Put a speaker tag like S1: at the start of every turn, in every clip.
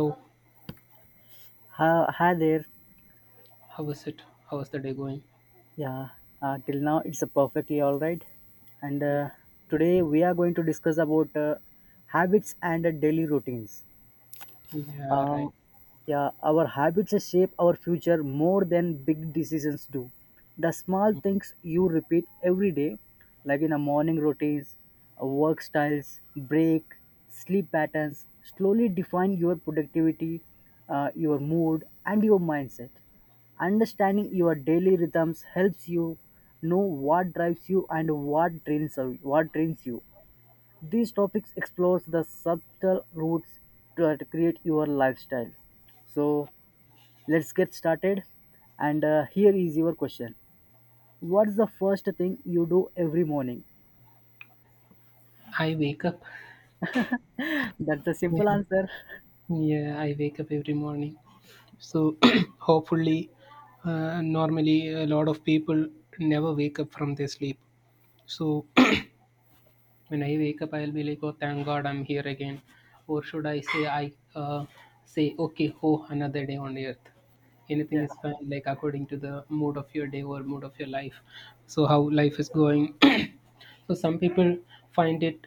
S1: Oh,
S2: Hi, hi there.
S1: how was it? How was the day going?
S2: Yeah, Till now it's a perfectly all right. And
S1: Yeah,
S2: Today we are going to discuss about habits and daily routines.
S1: yeah, right.
S2: Um, yeah, our habits shape our future more than big decisions do. The small things you repeat every day, like in a morning routines, work styles, break, sleep patterns, slowly define your productivity, your mood, and your mindset. Understanding your daily rhythms helps you know what drives you and what trains you. These topics explores the subtle roots to create your lifestyle. So let's get started. And Here is your question: what's the first thing you do every morning?
S1: I wake up.
S2: That's the simple
S1: Yeah,
S2: answer.
S1: yeah, I wake up every morning. So hopefully, normally a lot of people never wake up from their sleep. So when I wake up, I'll be like, oh, thank God I'm here again, or should I say, I say, okay, oh, another day on earth. Anything
S2: Yeah,
S1: is fine, like according to the mood of your day or mood of your life. So how life is going. So some people find it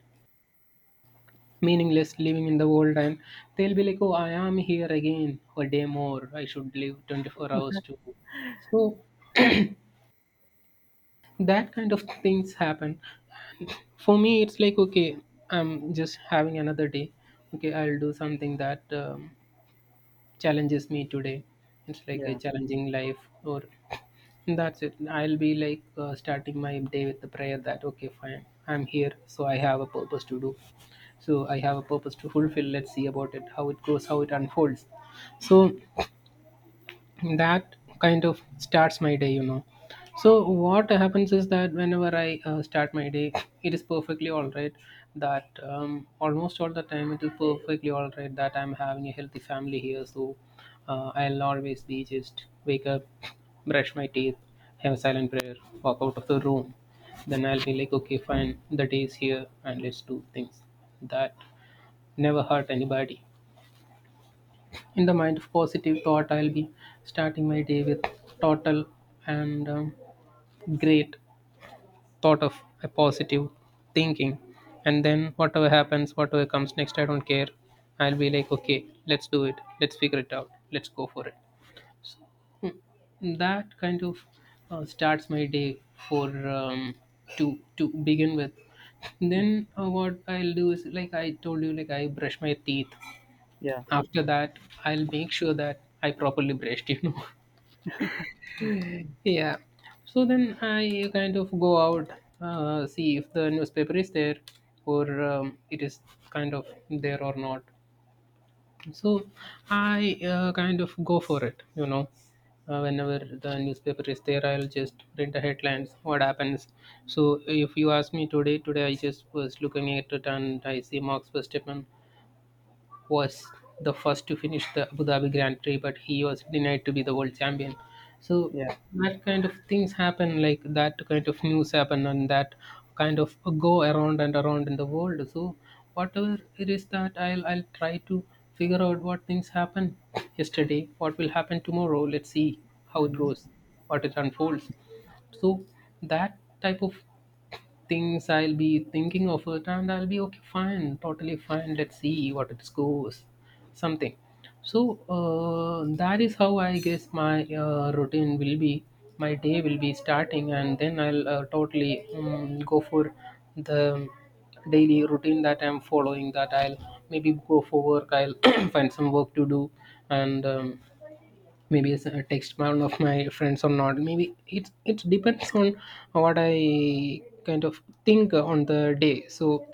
S1: meaningless living in the world and they'll be like, oh, I am here again a day more. I should live 24 hours too. So that kind of things happen. For me, it's like, okay, I'm just having another day. Okay, I'll do something that challenges me today. It's like a
S2: yeah,
S1: challenging life, or that's it. I'll be like starting my day with the prayer that, okay, fine, I'm here, so I have a purpose to do. So I have a purpose to fulfill. Let's see about it, how it goes, how it unfolds. So that kind of starts my day, you know. So what happens is that whenever I start my day, it is perfectly all right, that almost all the time it is perfectly all right that I'm having a healthy family here. So I'll always be just wake up, brush my teeth, have a silent prayer, walk out of the room. Then I'll be like, okay, fine, the day is here, and let's do things that never hurt anybody. In the mind of positive thought, I'll be starting my day with total and great thought of a positive thinking. And then whatever happens, whatever comes next, I don't care. I'll be like, okay, let's do it. Let's figure it out. Let's go for it. Hmm. That kind of starts my day for to begin with. Then what I'll do is like I told you, like I brush my teeth.
S2: yeah,
S1: After that, I'll make sure that I properly brushed, you know. Yeah. So then I kind of go out, see if the newspaper is there or it is kind of there or not. So I kind of go for it, you know. Whenever the newspaper is there, I'll just print the headlines, what happens. So if you ask me today, today I just was looking at it and I see Mark's first statement was the first to finish the Abu Dhabi Grand Prix, but he was denied to be the world champion. So
S2: yeah,
S1: that kind of things happen, like that kind of news happen, and that kind of go around and around in the world. So whatever it is, that I'll try to figure out what things happen yesterday, what will happen tomorrow. Let's see how it
S2: hmm,
S1: goes, what it unfolds. So that type of things I'll be thinking of it, and I'll be okay, fine, totally fine. Let's see what it goes, something. So that is how I guess my routine will be. My day will be starting, and then I'll totally go for the daily routine that I'm following. That I'll maybe go for work. I'll find some work to do, and maybe it's a text bound of my friends or not. Maybe it depends on what I kind of think on the day. So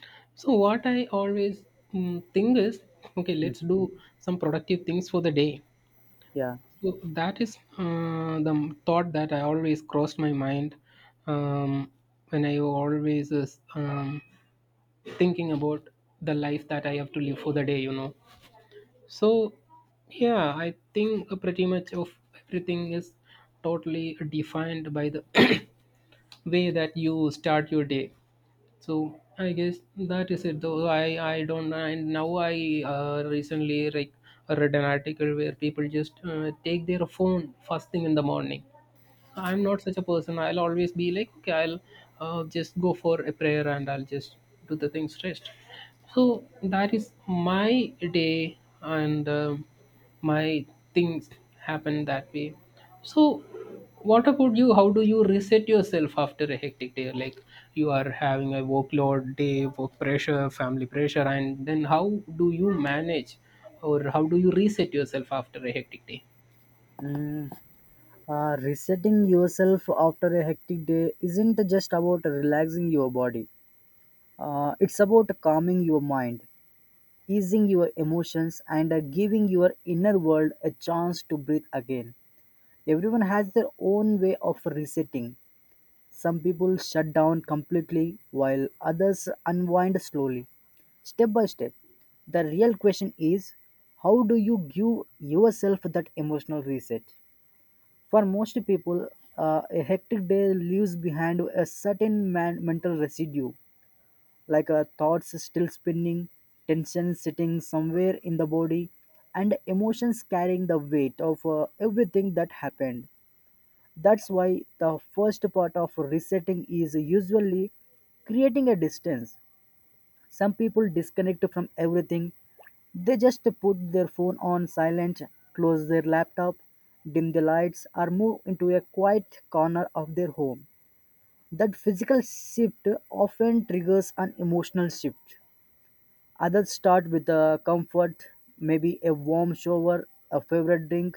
S1: so what I always think is, okay, let's do some productive things for the day.
S2: yeah.
S1: So that is the thought that I always crossed my mind, um, when I always is thinking about the life that I have to live for the day, you know. So, yeah, I think pretty much of everything is totally defined by the way that you start your day. So, I guess that is it. Though I don't. And now I recently like read an article where people just take their phone first thing in the morning, so I'm not such a person. I'll always be like, okay, I'll just go for a prayer, and I'll just do the things stressed. So that is my day, and um, my things happen that way. So what about you? How do you reset yourself after a hectic day? Like you are having a workload day, work pressure, family pressure, and then how do you manage or how do you reset yourself after a hectic day?
S2: Mm, resetting yourself after a hectic day isn't just about relaxing your body. It's about calming your mind. Easing your emotions and giving your inner world a chance to breathe again. Everyone has their own way of resetting. Some people shut down completely while others unwind slowly, step by step. The real question is, how do you give yourself that emotional reset? For most people, a hectic day leaves behind a certain mental residue, like a thoughts still spinning, tension sitting somewhere in the body, and emotions carrying the weight of everything that happened. That's why the first part of resetting is usually creating a distance. Some people disconnect from everything. They just put their phone on silent, close their laptop, dim the lights, or move into a quiet corner of their home. That physical shift often triggers an emotional shift. Others start with a comfort, maybe a warm shower, a favorite drink,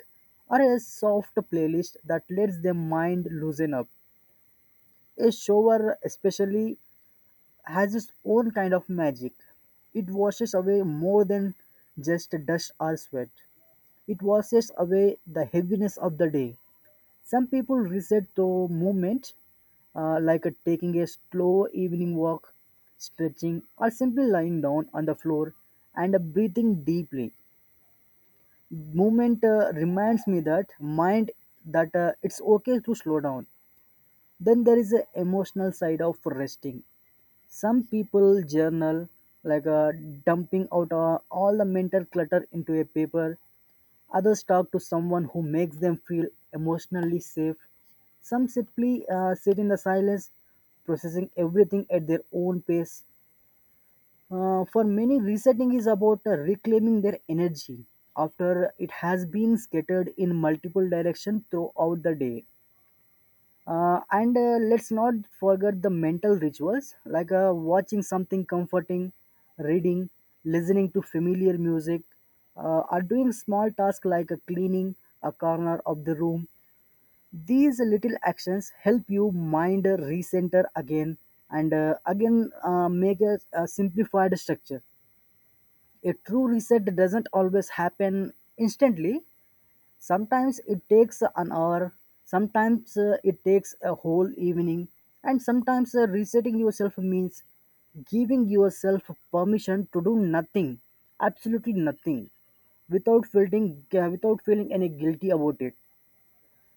S2: or a soft playlist that lets their mind loosen up. A shower, especially, has its own kind of magic. It washes away more than just dust or sweat, it washes away the heaviness of the day. Some people reset the movement, like taking a slow evening walk, stretching, or simply lying down on the floor and breathing deeply. Movement reminds me that mind that it's okay to slow down. Then there is the emotional side of resting. Some people journal, like dumping out all the mental clutter into a paper. Others talk to someone who makes them feel emotionally safe. Some simply sit in the silence, processing everything at their own pace. For many, resetting is about reclaiming their energy after it has been scattered in multiple directions throughout the day. And Let's not forget the mental rituals like watching something comforting, reading, listening to familiar music, or doing small tasks like cleaning a corner of the room. These little actions help you mind recenter again and again make a simplified structure. A true reset doesn't always happen instantly. Sometimes it takes an hour, sometimes it takes a whole evening, and sometimes resetting yourself means giving yourself permission to do nothing, absolutely nothing, without feeling any guilty about it.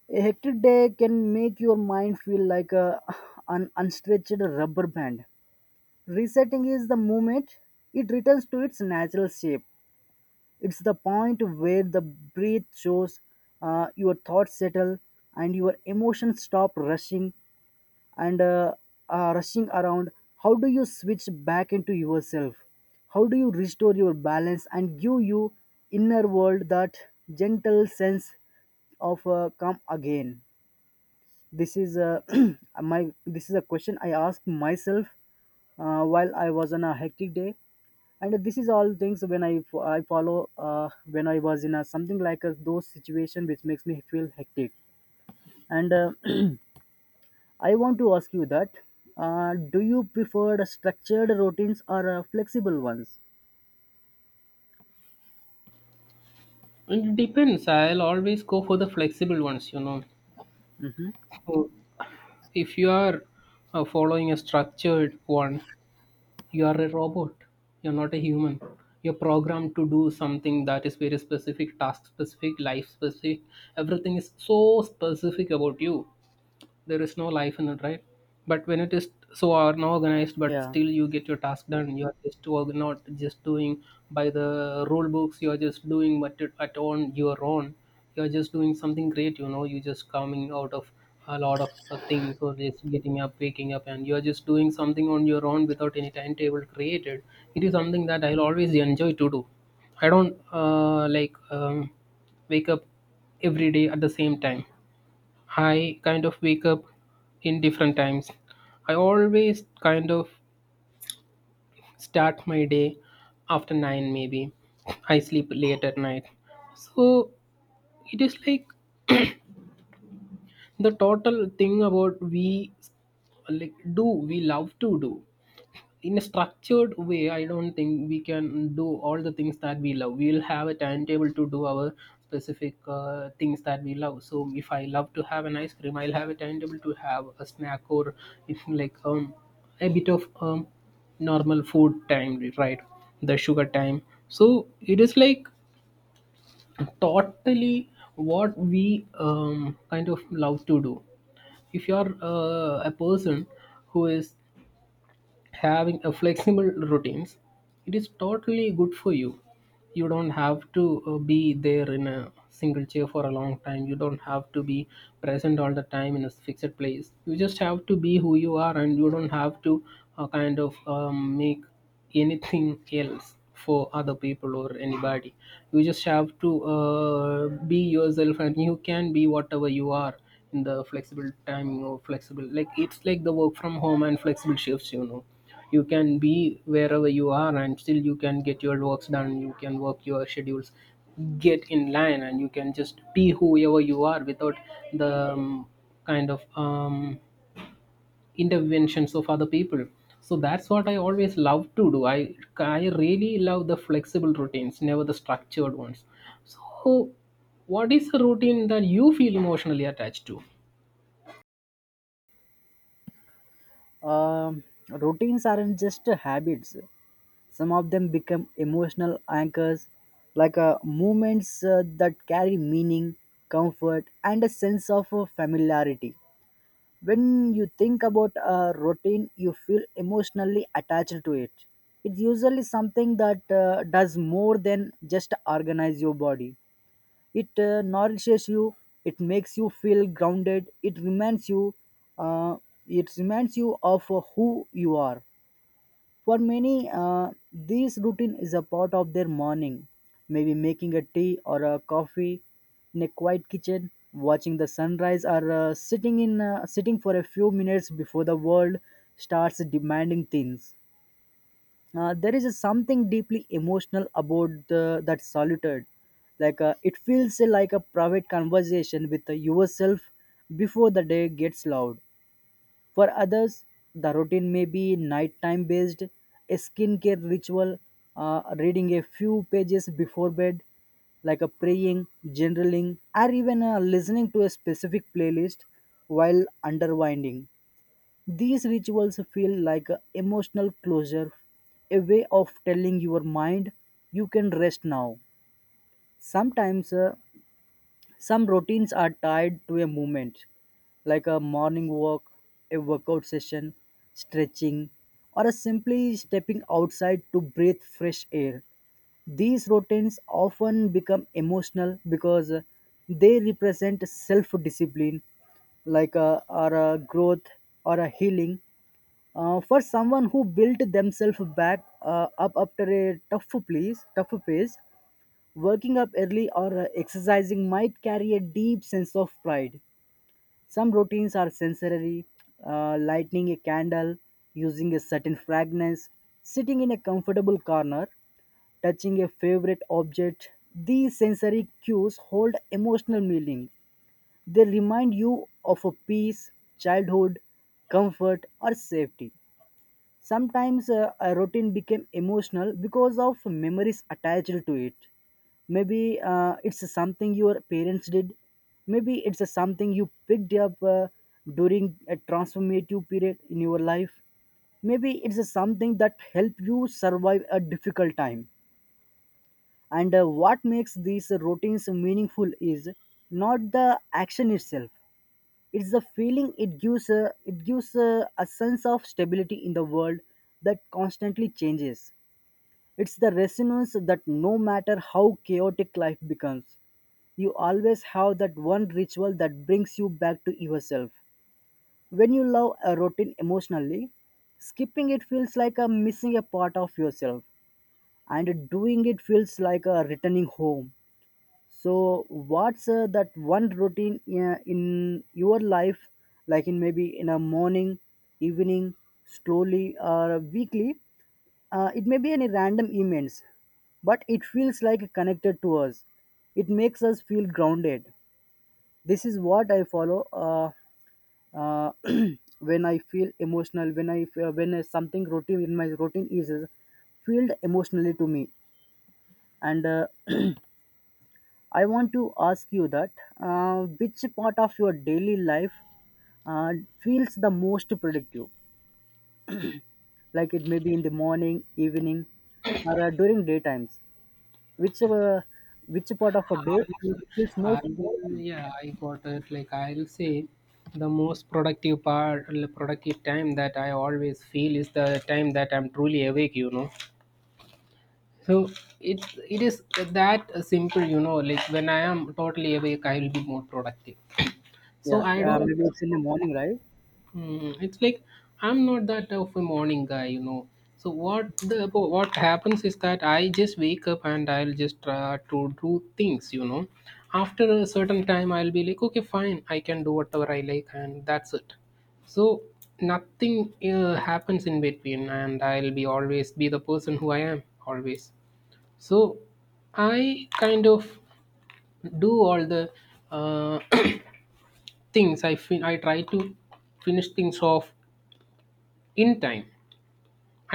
S2: A hectic day can make your mind feel like a, an unstretched rubber band. Resetting is the moment it returns to its natural shape. It's the point where the breath shows, your thoughts settle, and your emotions stop rushing and rushing around. How do you switch back into yourself? How do you restore your balance and give you inner world that gentle sense of calm again? This is a my this is a question I asked myself while I was on a hectic day, and this is all things when I follow when I was in a something like a those situation which makes me feel hectic. And I want to ask you that do you prefer the structured routines or flexible ones?
S1: It depends. I'll always go for the flexible ones, you know.
S2: Hmm.
S1: So if you are following a structured one, you are a robot. You're not a human. You're programmed to do something that is very specific, task specific, life specific. Everything is so specific about you. There is no life in it, right? But when it is so unorganized, but
S2: Yeah.
S1: still you get your task done, you are just not just doing by the rule books. You are just doing what it at on your own. You are just doing something great, you know. You just coming out of a lot of things, or just getting up, waking up, and you are just doing something on your own without any timetable created. It is something that I'll always enjoy to do. I don't like wake up every day at the same time. I kind of wake up in different times. I always kind of start my day after 9 maybe. I sleep late at night. So it is like the total thing about we, like, do we love to do in a structured way. I don't think we can do all the things that we love. We'll have a timetable to do our specific things that we love. So if I love to have an ice cream, I'll have a timetable to have a snack, or if like a bit of normal food time, right, the sugar time. So it is like totally what we kind of love to do. If you're a person who is having a flexible routines, it is totally good for you. You don't have to be there in a single chair for a long time. You don't have to be present all the time in a fixed place. You just have to be who you are, and you don't have to kind of make anything else for other people or anybody. You just have to be yourself, and you can be whatever you are in the flexible timing or flexible, like it's like the work from home and flexible shifts, you know. You can be wherever you are, and still you can get your works done. You can work your schedules, get in line, and you can just be whoever you are without the kind of interventions of other people. So that's what I always love to do. I really love the flexible routines, never the structured ones. So what is a routine that you feel emotionally attached to?
S2: Um, Routines aren't just habits. Some of them become emotional anchors, like movements that carry meaning, comfort, and a sense of familiarity. When you think about a routine, you feel emotionally attached to it. It's usually something that does more than just organize your body. It nourishes you, it makes you feel grounded, it reminds you, uh, it reminds you of who you are. For many, this routine is a part of their morning, maybe making a tea or a coffee in a quiet kitchen, watching the sunrise, or sitting for a few minutes before the world starts demanding things. There is something deeply emotional about that solitude. Like it feels like a private conversation with yourself before the day gets loud. For others, the routine may be nighttime based, a skincare ritual, reading a few pages before bed, like a praying, journaling, or even listening to a specific playlist while underwinding. These rituals feel like a emotional closure, a way of telling your mind you can rest now. Sometimes some routines are tied to a movement, like a morning walk, a workout session, stretching, or a simply stepping outside to breathe fresh air. These routines often become emotional because they represent self discipline, like a, or a growth or a healing. For someone who built themselves back up after a tough phase, working up early or exercising might carry a deep sense of pride. Some routines are sensory, lighting a candle, using a certain fragrance, sitting in a comfortable corner, touching a favorite object. These sensory cues hold emotional meaning. They remind you of a peace, childhood, comfort, or safety. Sometimes a routine became emotional because of memories attached to it. Maybe it's something your parents did. Maybe it's something you picked up during a transformative period in your life. Maybe it's something that helped you survive a difficult time. And What makes these routines meaningful is not the action itself, it's the feeling it gives a sense of stability in the world that constantly changes. It's the resonance that no matter how chaotic life becomes, you always have that one ritual that brings you back to yourself. When you love a routine emotionally, skipping it feels like a missing a part of yourself, and doing it feels like a returning home. So, what's that one routine in your life, like in maybe in a morning, evening, slowly or weekly? It may be any random events, but it feels like connected to us. It makes us feel grounded. This is what I follow uh, when I feel emotional. When when something routine in my routine is filled emotionally to me, and. I want to ask you that which part of your daily life uh, feels the most productive? Like it may be in the morning, evening, or during daytimes. Which uh, which part of a day
S1: I
S2: feels
S1: I
S2: most?
S1: will, yeah, I got it. Like I'll say, the most productive part, productive time that I always feel is the time that I'm truly awake. You know, so it it is that simple. You know, like when I am totally awake, I will be more productive.
S2: Yeah,
S1: So I don't.
S2: maybe it's in the morning, right?
S1: Mm, it's like I'm not that of a morning guy, you know. So what happens is that I just wake up and I'll just try to do things, you know. After a certain time, I'll be like, okay, fine, I can do whatever I like, and that's it. So nothing happens in between, and I'll be always be the person who I am always. So I kind of do all the uh, things. I try to finish things off in time.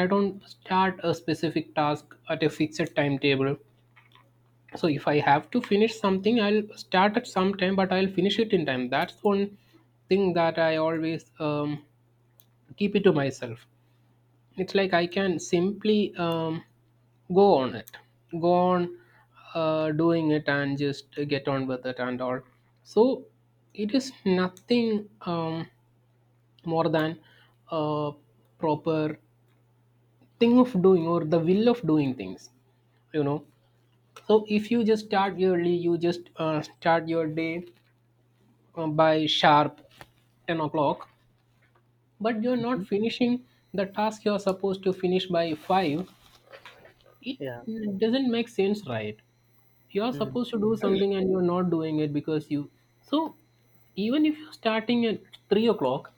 S1: I don't start a specific task at a fixed timetable. So if I have to finish something, I'll start at some time, but I'll finish it in time. That's one thing that I always keep it to myself. It's like I can simply go on it, go on doing it and just get on with it and all. So it is nothing more than a proper thing of doing, or the will of doing things you know so if you just start early, you just start your day by sharp 10 o'clock, but you're
S2: Mhm.
S1: not finishing the task you're supposed to finish by 5,
S2: Yeah.
S1: it doesn't make sense, right? You're
S2: Mm.
S1: supposed to do something and you're not doing it because you, so even if you're starting at 3 o'clock,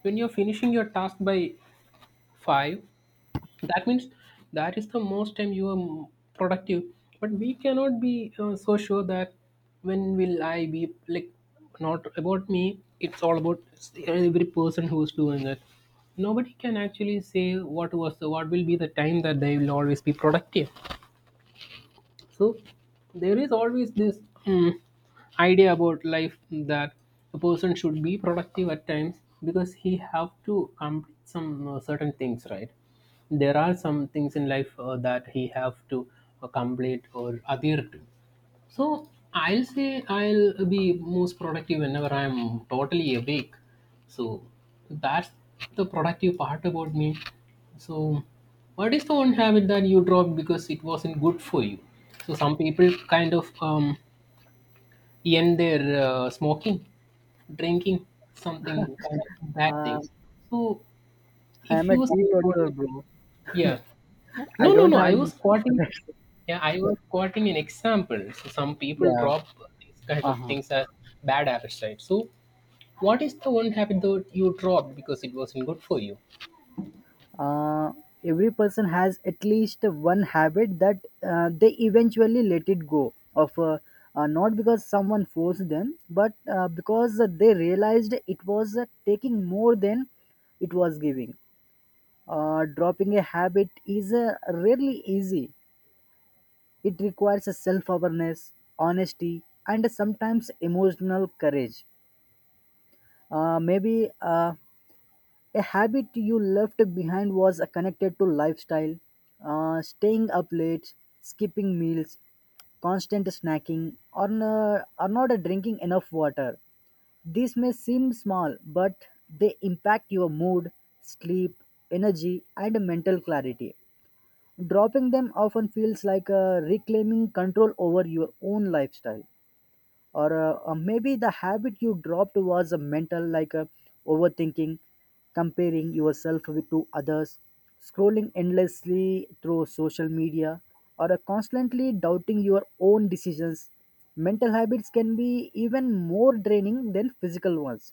S1: when you're finishing your task by 5, that means that is the most time you are productive. But we cannot be so sure that when will I be like, not about me, it's all about every person who's doing it. Nobody can actually say what was the, what will be the time that they will always be productive. So there is always this mm, idea about life that a person should be productive at times because he have to complete some certain things, right? There are some things in life that he have to complete or adhere to. So I'll say I'll be most productive whenever I'm totally awake. So that's the productive part about me. So what is the one habit that you dropped because it wasn't good for you? So some people kind of end their smoking, drinking, something kind of bad
S2: Uh,
S1: thing. So
S2: I am
S1: if
S2: a
S1: you say what,
S2: teetotaler, bro.
S1: yeah.
S2: I
S1: No, no,
S2: don't
S1: no.
S2: have.
S1: I
S2: Any-
S1: was quoting. Yeah, I was quoting an example. So some people
S2: yeah.
S1: drop these kind
S2: Uh
S1: of
S2: huh.
S1: things as bad habits, right? So, what is the one habit that you dropped because it wasn't good for you?
S2: uh, every person has at least one habit that they eventually let it go of not because someone forced them but because they realized it was taking more than it was giving. Dropping a habit is rarely easy. It requires a self-awareness, honesty and sometimes emotional courage. Maybe A habit you left behind was connected to lifestyle, staying up late, skipping meals, constant snacking, or, or not drinking enough water. These may seem small, but they impact your mood, sleep, energy, and mental clarity. Dropping them often feels like reclaiming control over your own lifestyle, or maybe the habit you dropped was a mental, like overthinking, comparing yourself with to others, scrolling endlessly through social media, or constantly doubting your own decisions. Mental habits can be even more draining than physical ones.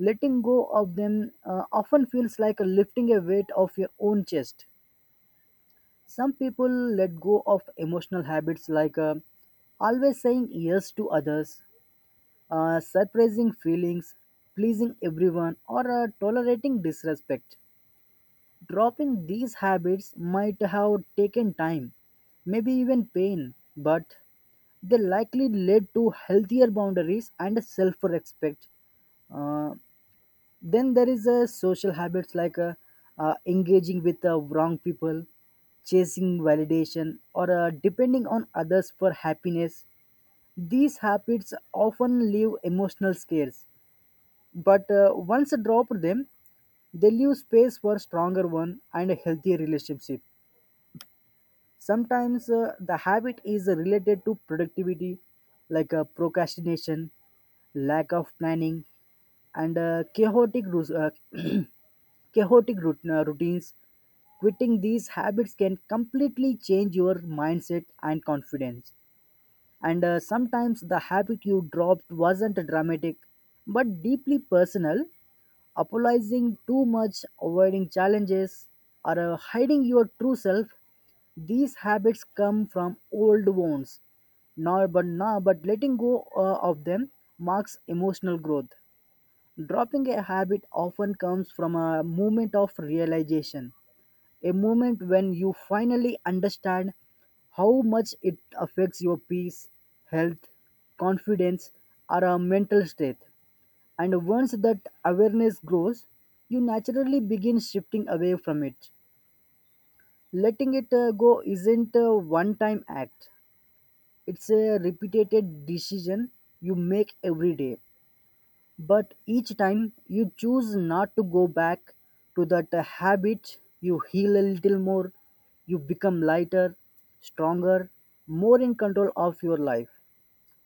S2: Letting go of them often feels like lifting a weight off your own chest. Some people let go of emotional habits like always saying yes to others, surprising feelings, pleasing everyone, or tolerating disrespect. Dropping these habits might have taken time, maybe even pain, but they likely led to healthier boundaries and self respect. Uh, then there is social habits like engaging with wrong people, chasing validation, or depending on others for happiness. These habits often leave emotional scars, but once I dropped them, they leave space for stronger one and a healthier relationship. Sometimes the habit is related to productivity, like procrastination, lack of planning, and chaotic rus- chaotic routines. Quitting these habits can completely change your mindset and confidence, and sometimes the habit you dropped wasn't dramatic but deeply personal. Apologizing too much, avoiding challenges, or hiding your true self, these habits come from old wounds, now but letting go of them marks emotional growth. Dropping a habit often comes from a moment of realization, a moment when you finally understand how much it affects your peace, health, confidence, or a mental state. And once that awareness grows, you naturally begin shifting away from it. Letting it go isn't a one time act, it's a repeated decision you make every day. But each time you choose not to go back to that habit, you heal a little more, you become lighter, stronger, more in control of your life.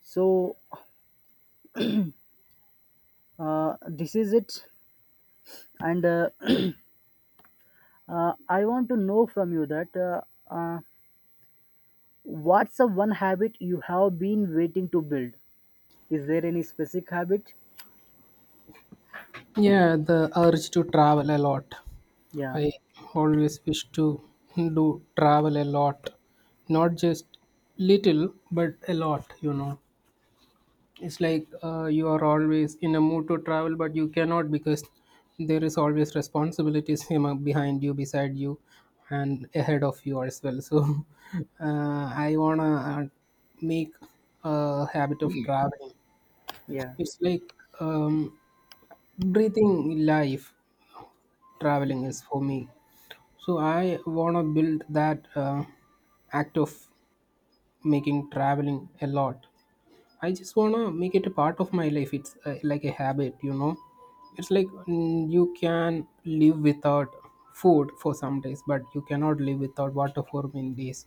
S2: So, this is it. And I want to know from you that uh, what's the one habit you have been waiting to build? Is there any specific habit?
S1: Yeah, the urge to travel a lot.
S2: Yeah,
S1: I always wish to do travel a lot, not just little, but a lot, you know. It's like you are always in a mood to travel, but you cannot because there is always responsibilities you know, behind you, beside you, and ahead of you as well. So I wanna make a habit of traveling.
S2: yeah,
S1: It's like um, breathing life. Traveling is for me. So I wanna build that act of making traveling a lot. I just wanna make it a part of my life. It's like a habit, you know. It's like you can live without food for some days, but you cannot live without water for many days.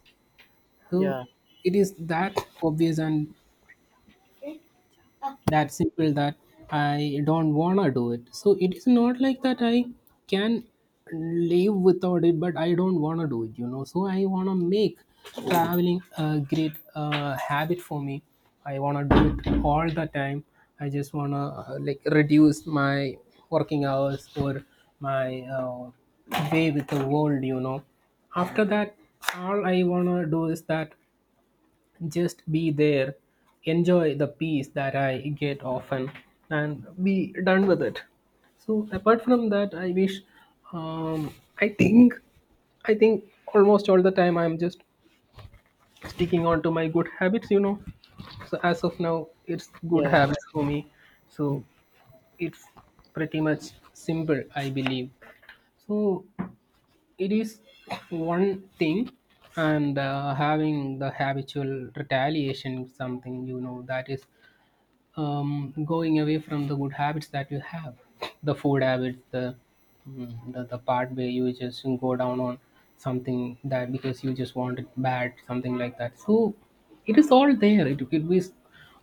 S1: So
S2: yeah,
S1: it is that obvious, and that simple that I don't wanna do it. So it is not like that I can live without it, but I don't wanna do it. You know, so I wanna make traveling a great habit for me. I wanna do it all the time. I just wanna like reduce my working hours or my way with the world. You know, after that, all I wanna do is that just be there, enjoy the peace that I get often, and be done with it. So apart from that, I wish. Um, I think almost all the time I'm just sticking on to my good habits. You know, so as of now, it's good
S2: yeah,
S1: habits for me. So it's pretty much simple, I believe. So it is one thing, and having the habitual retaliation is something, you know, that is going away from the good habits that you have, the food habits, the, the part where you just go down on something that because you just want it bad, something like that. So it is all there, it is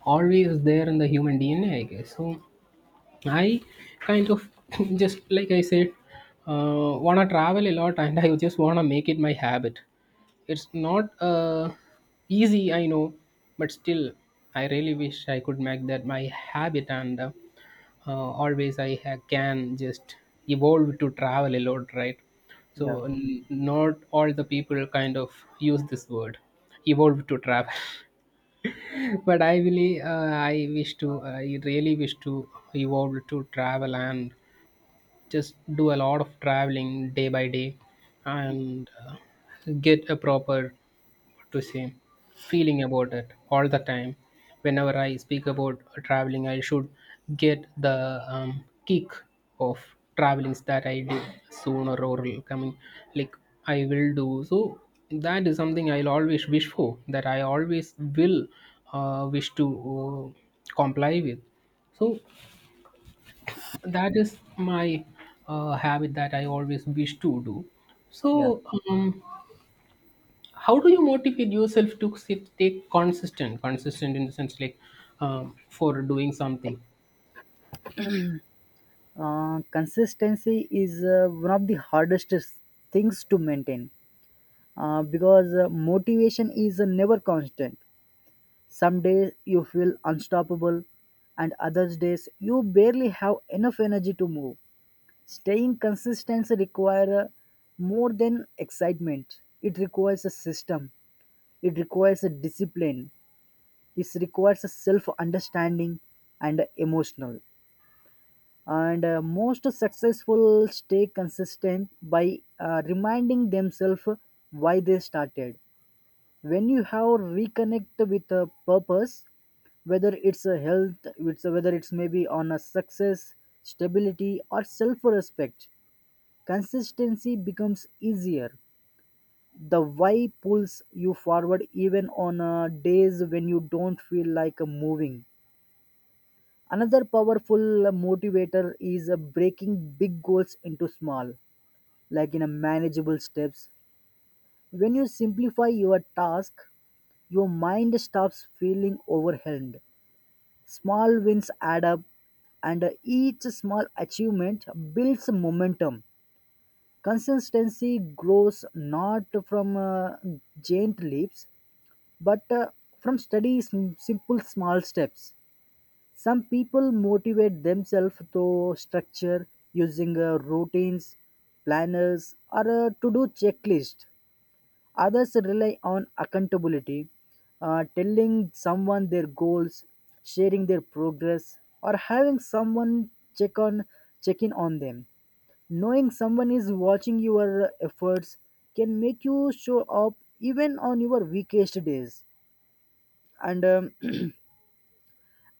S1: always there in the human DNA, I guess. So I kind of just like I said, wanna travel a lot, and I just wanna make it my habit. It's not easy, I know, but still, I really wish I could make that my habit, and always can just evolve to travel a lot, right?
S2: yeah,
S1: So not all the people kind of use this word, evolve to travel. But I really, I wish to, I really wish to evolve to travel and just do a lot of traveling day by day, and get a proper, what to say, feeling about it all the time. Whenever I speak about traveling, I should get the kick of travelings that I did sooner or coming, like I will do. So that is something I'll always wish for, that I always will wish to comply with. So that is my habit that I always wish to do.
S2: yeah.
S1: So, um, how do you motivate yourself to sit, take consistent in the sense like for doing something?
S2: Consistency is one of the hardest things to maintain, because motivation is never constant. Some days you feel unstoppable, and other days you barely have enough energy to move. Staying consistent requires more than excitement. It requires a system. It requires a discipline. It requires a self-understanding and emotional. And Most successful stay consistent by reminding themselves why they started. When you have reconnect with a purpose, whether it's a health, it's whether it's maybe on a success, stability, or self respect, consistency becomes easier. The why pulls you forward even on days when you don't feel like moving. Another powerful motivator is breaking big goals into small, like in a manageable steps. When you simplify your task, your mind stops feeling overwhelmed. Small wins add up, and each small achievement builds momentum. Consistency grows not from giant leaps, but from steady, simple small steps. Some people motivate themselves through structure, using routines, planners, or a to do checklist. Others rely on accountability, telling someone their goals, sharing their progress, or having someone check on check in on them. Knowing someone is watching your efforts can make you show up even on your weakest days. And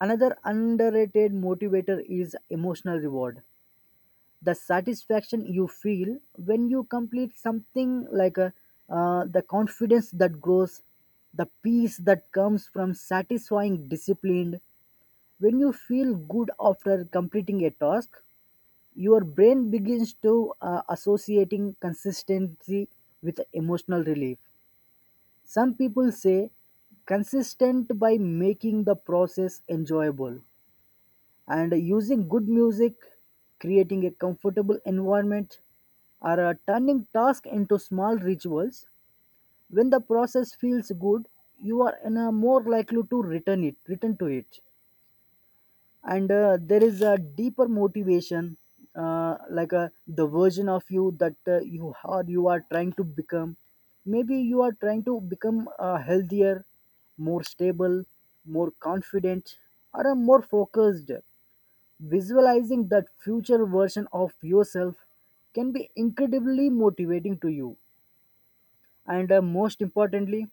S2: Another underrated motivator is emotional reward. The satisfaction you feel when you complete something like a, the confidence that grows, the peace that comes from satisfying discipline. When you feel good after completing a task, your brain begins to associating consistency with emotional relief. Some people say consistent by making the process enjoyable and using good music, creating a comfortable environment, or turning tasks into small rituals. When the process feels good, you are in a more likely to return to it. And There is a deeper motivation, like the version of you that you are trying to become. Maybe you are trying to become healthier, more stable, more confident, or more focused. Visualizing that future version of yourself can be incredibly motivating to you. And most importantly,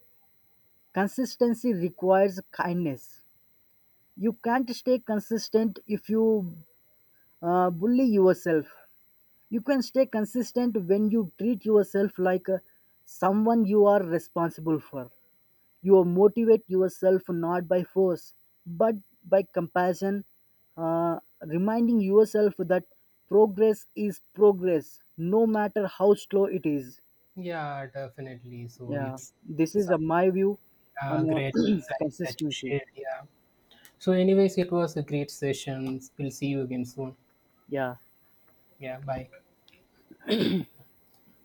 S2: consistency requires kindness. You can't stay consistent if you bully yourself. You can stay consistent when you treat yourself like someone you are responsible for. You motivate yourself not by force, but by compassion, uh, reminding yourself that progress is progress, no matter how slow it is.
S1: Yeah, definitely. So
S2: Yeah, this
S1: it's
S2: is my
S1: a
S2: view on
S1: great insight that you
S2: consistency.
S1: shared. Yeah. So, anyways, it was a great session. We'll see you again soon.
S2: Yeah.
S1: Yeah. Bye.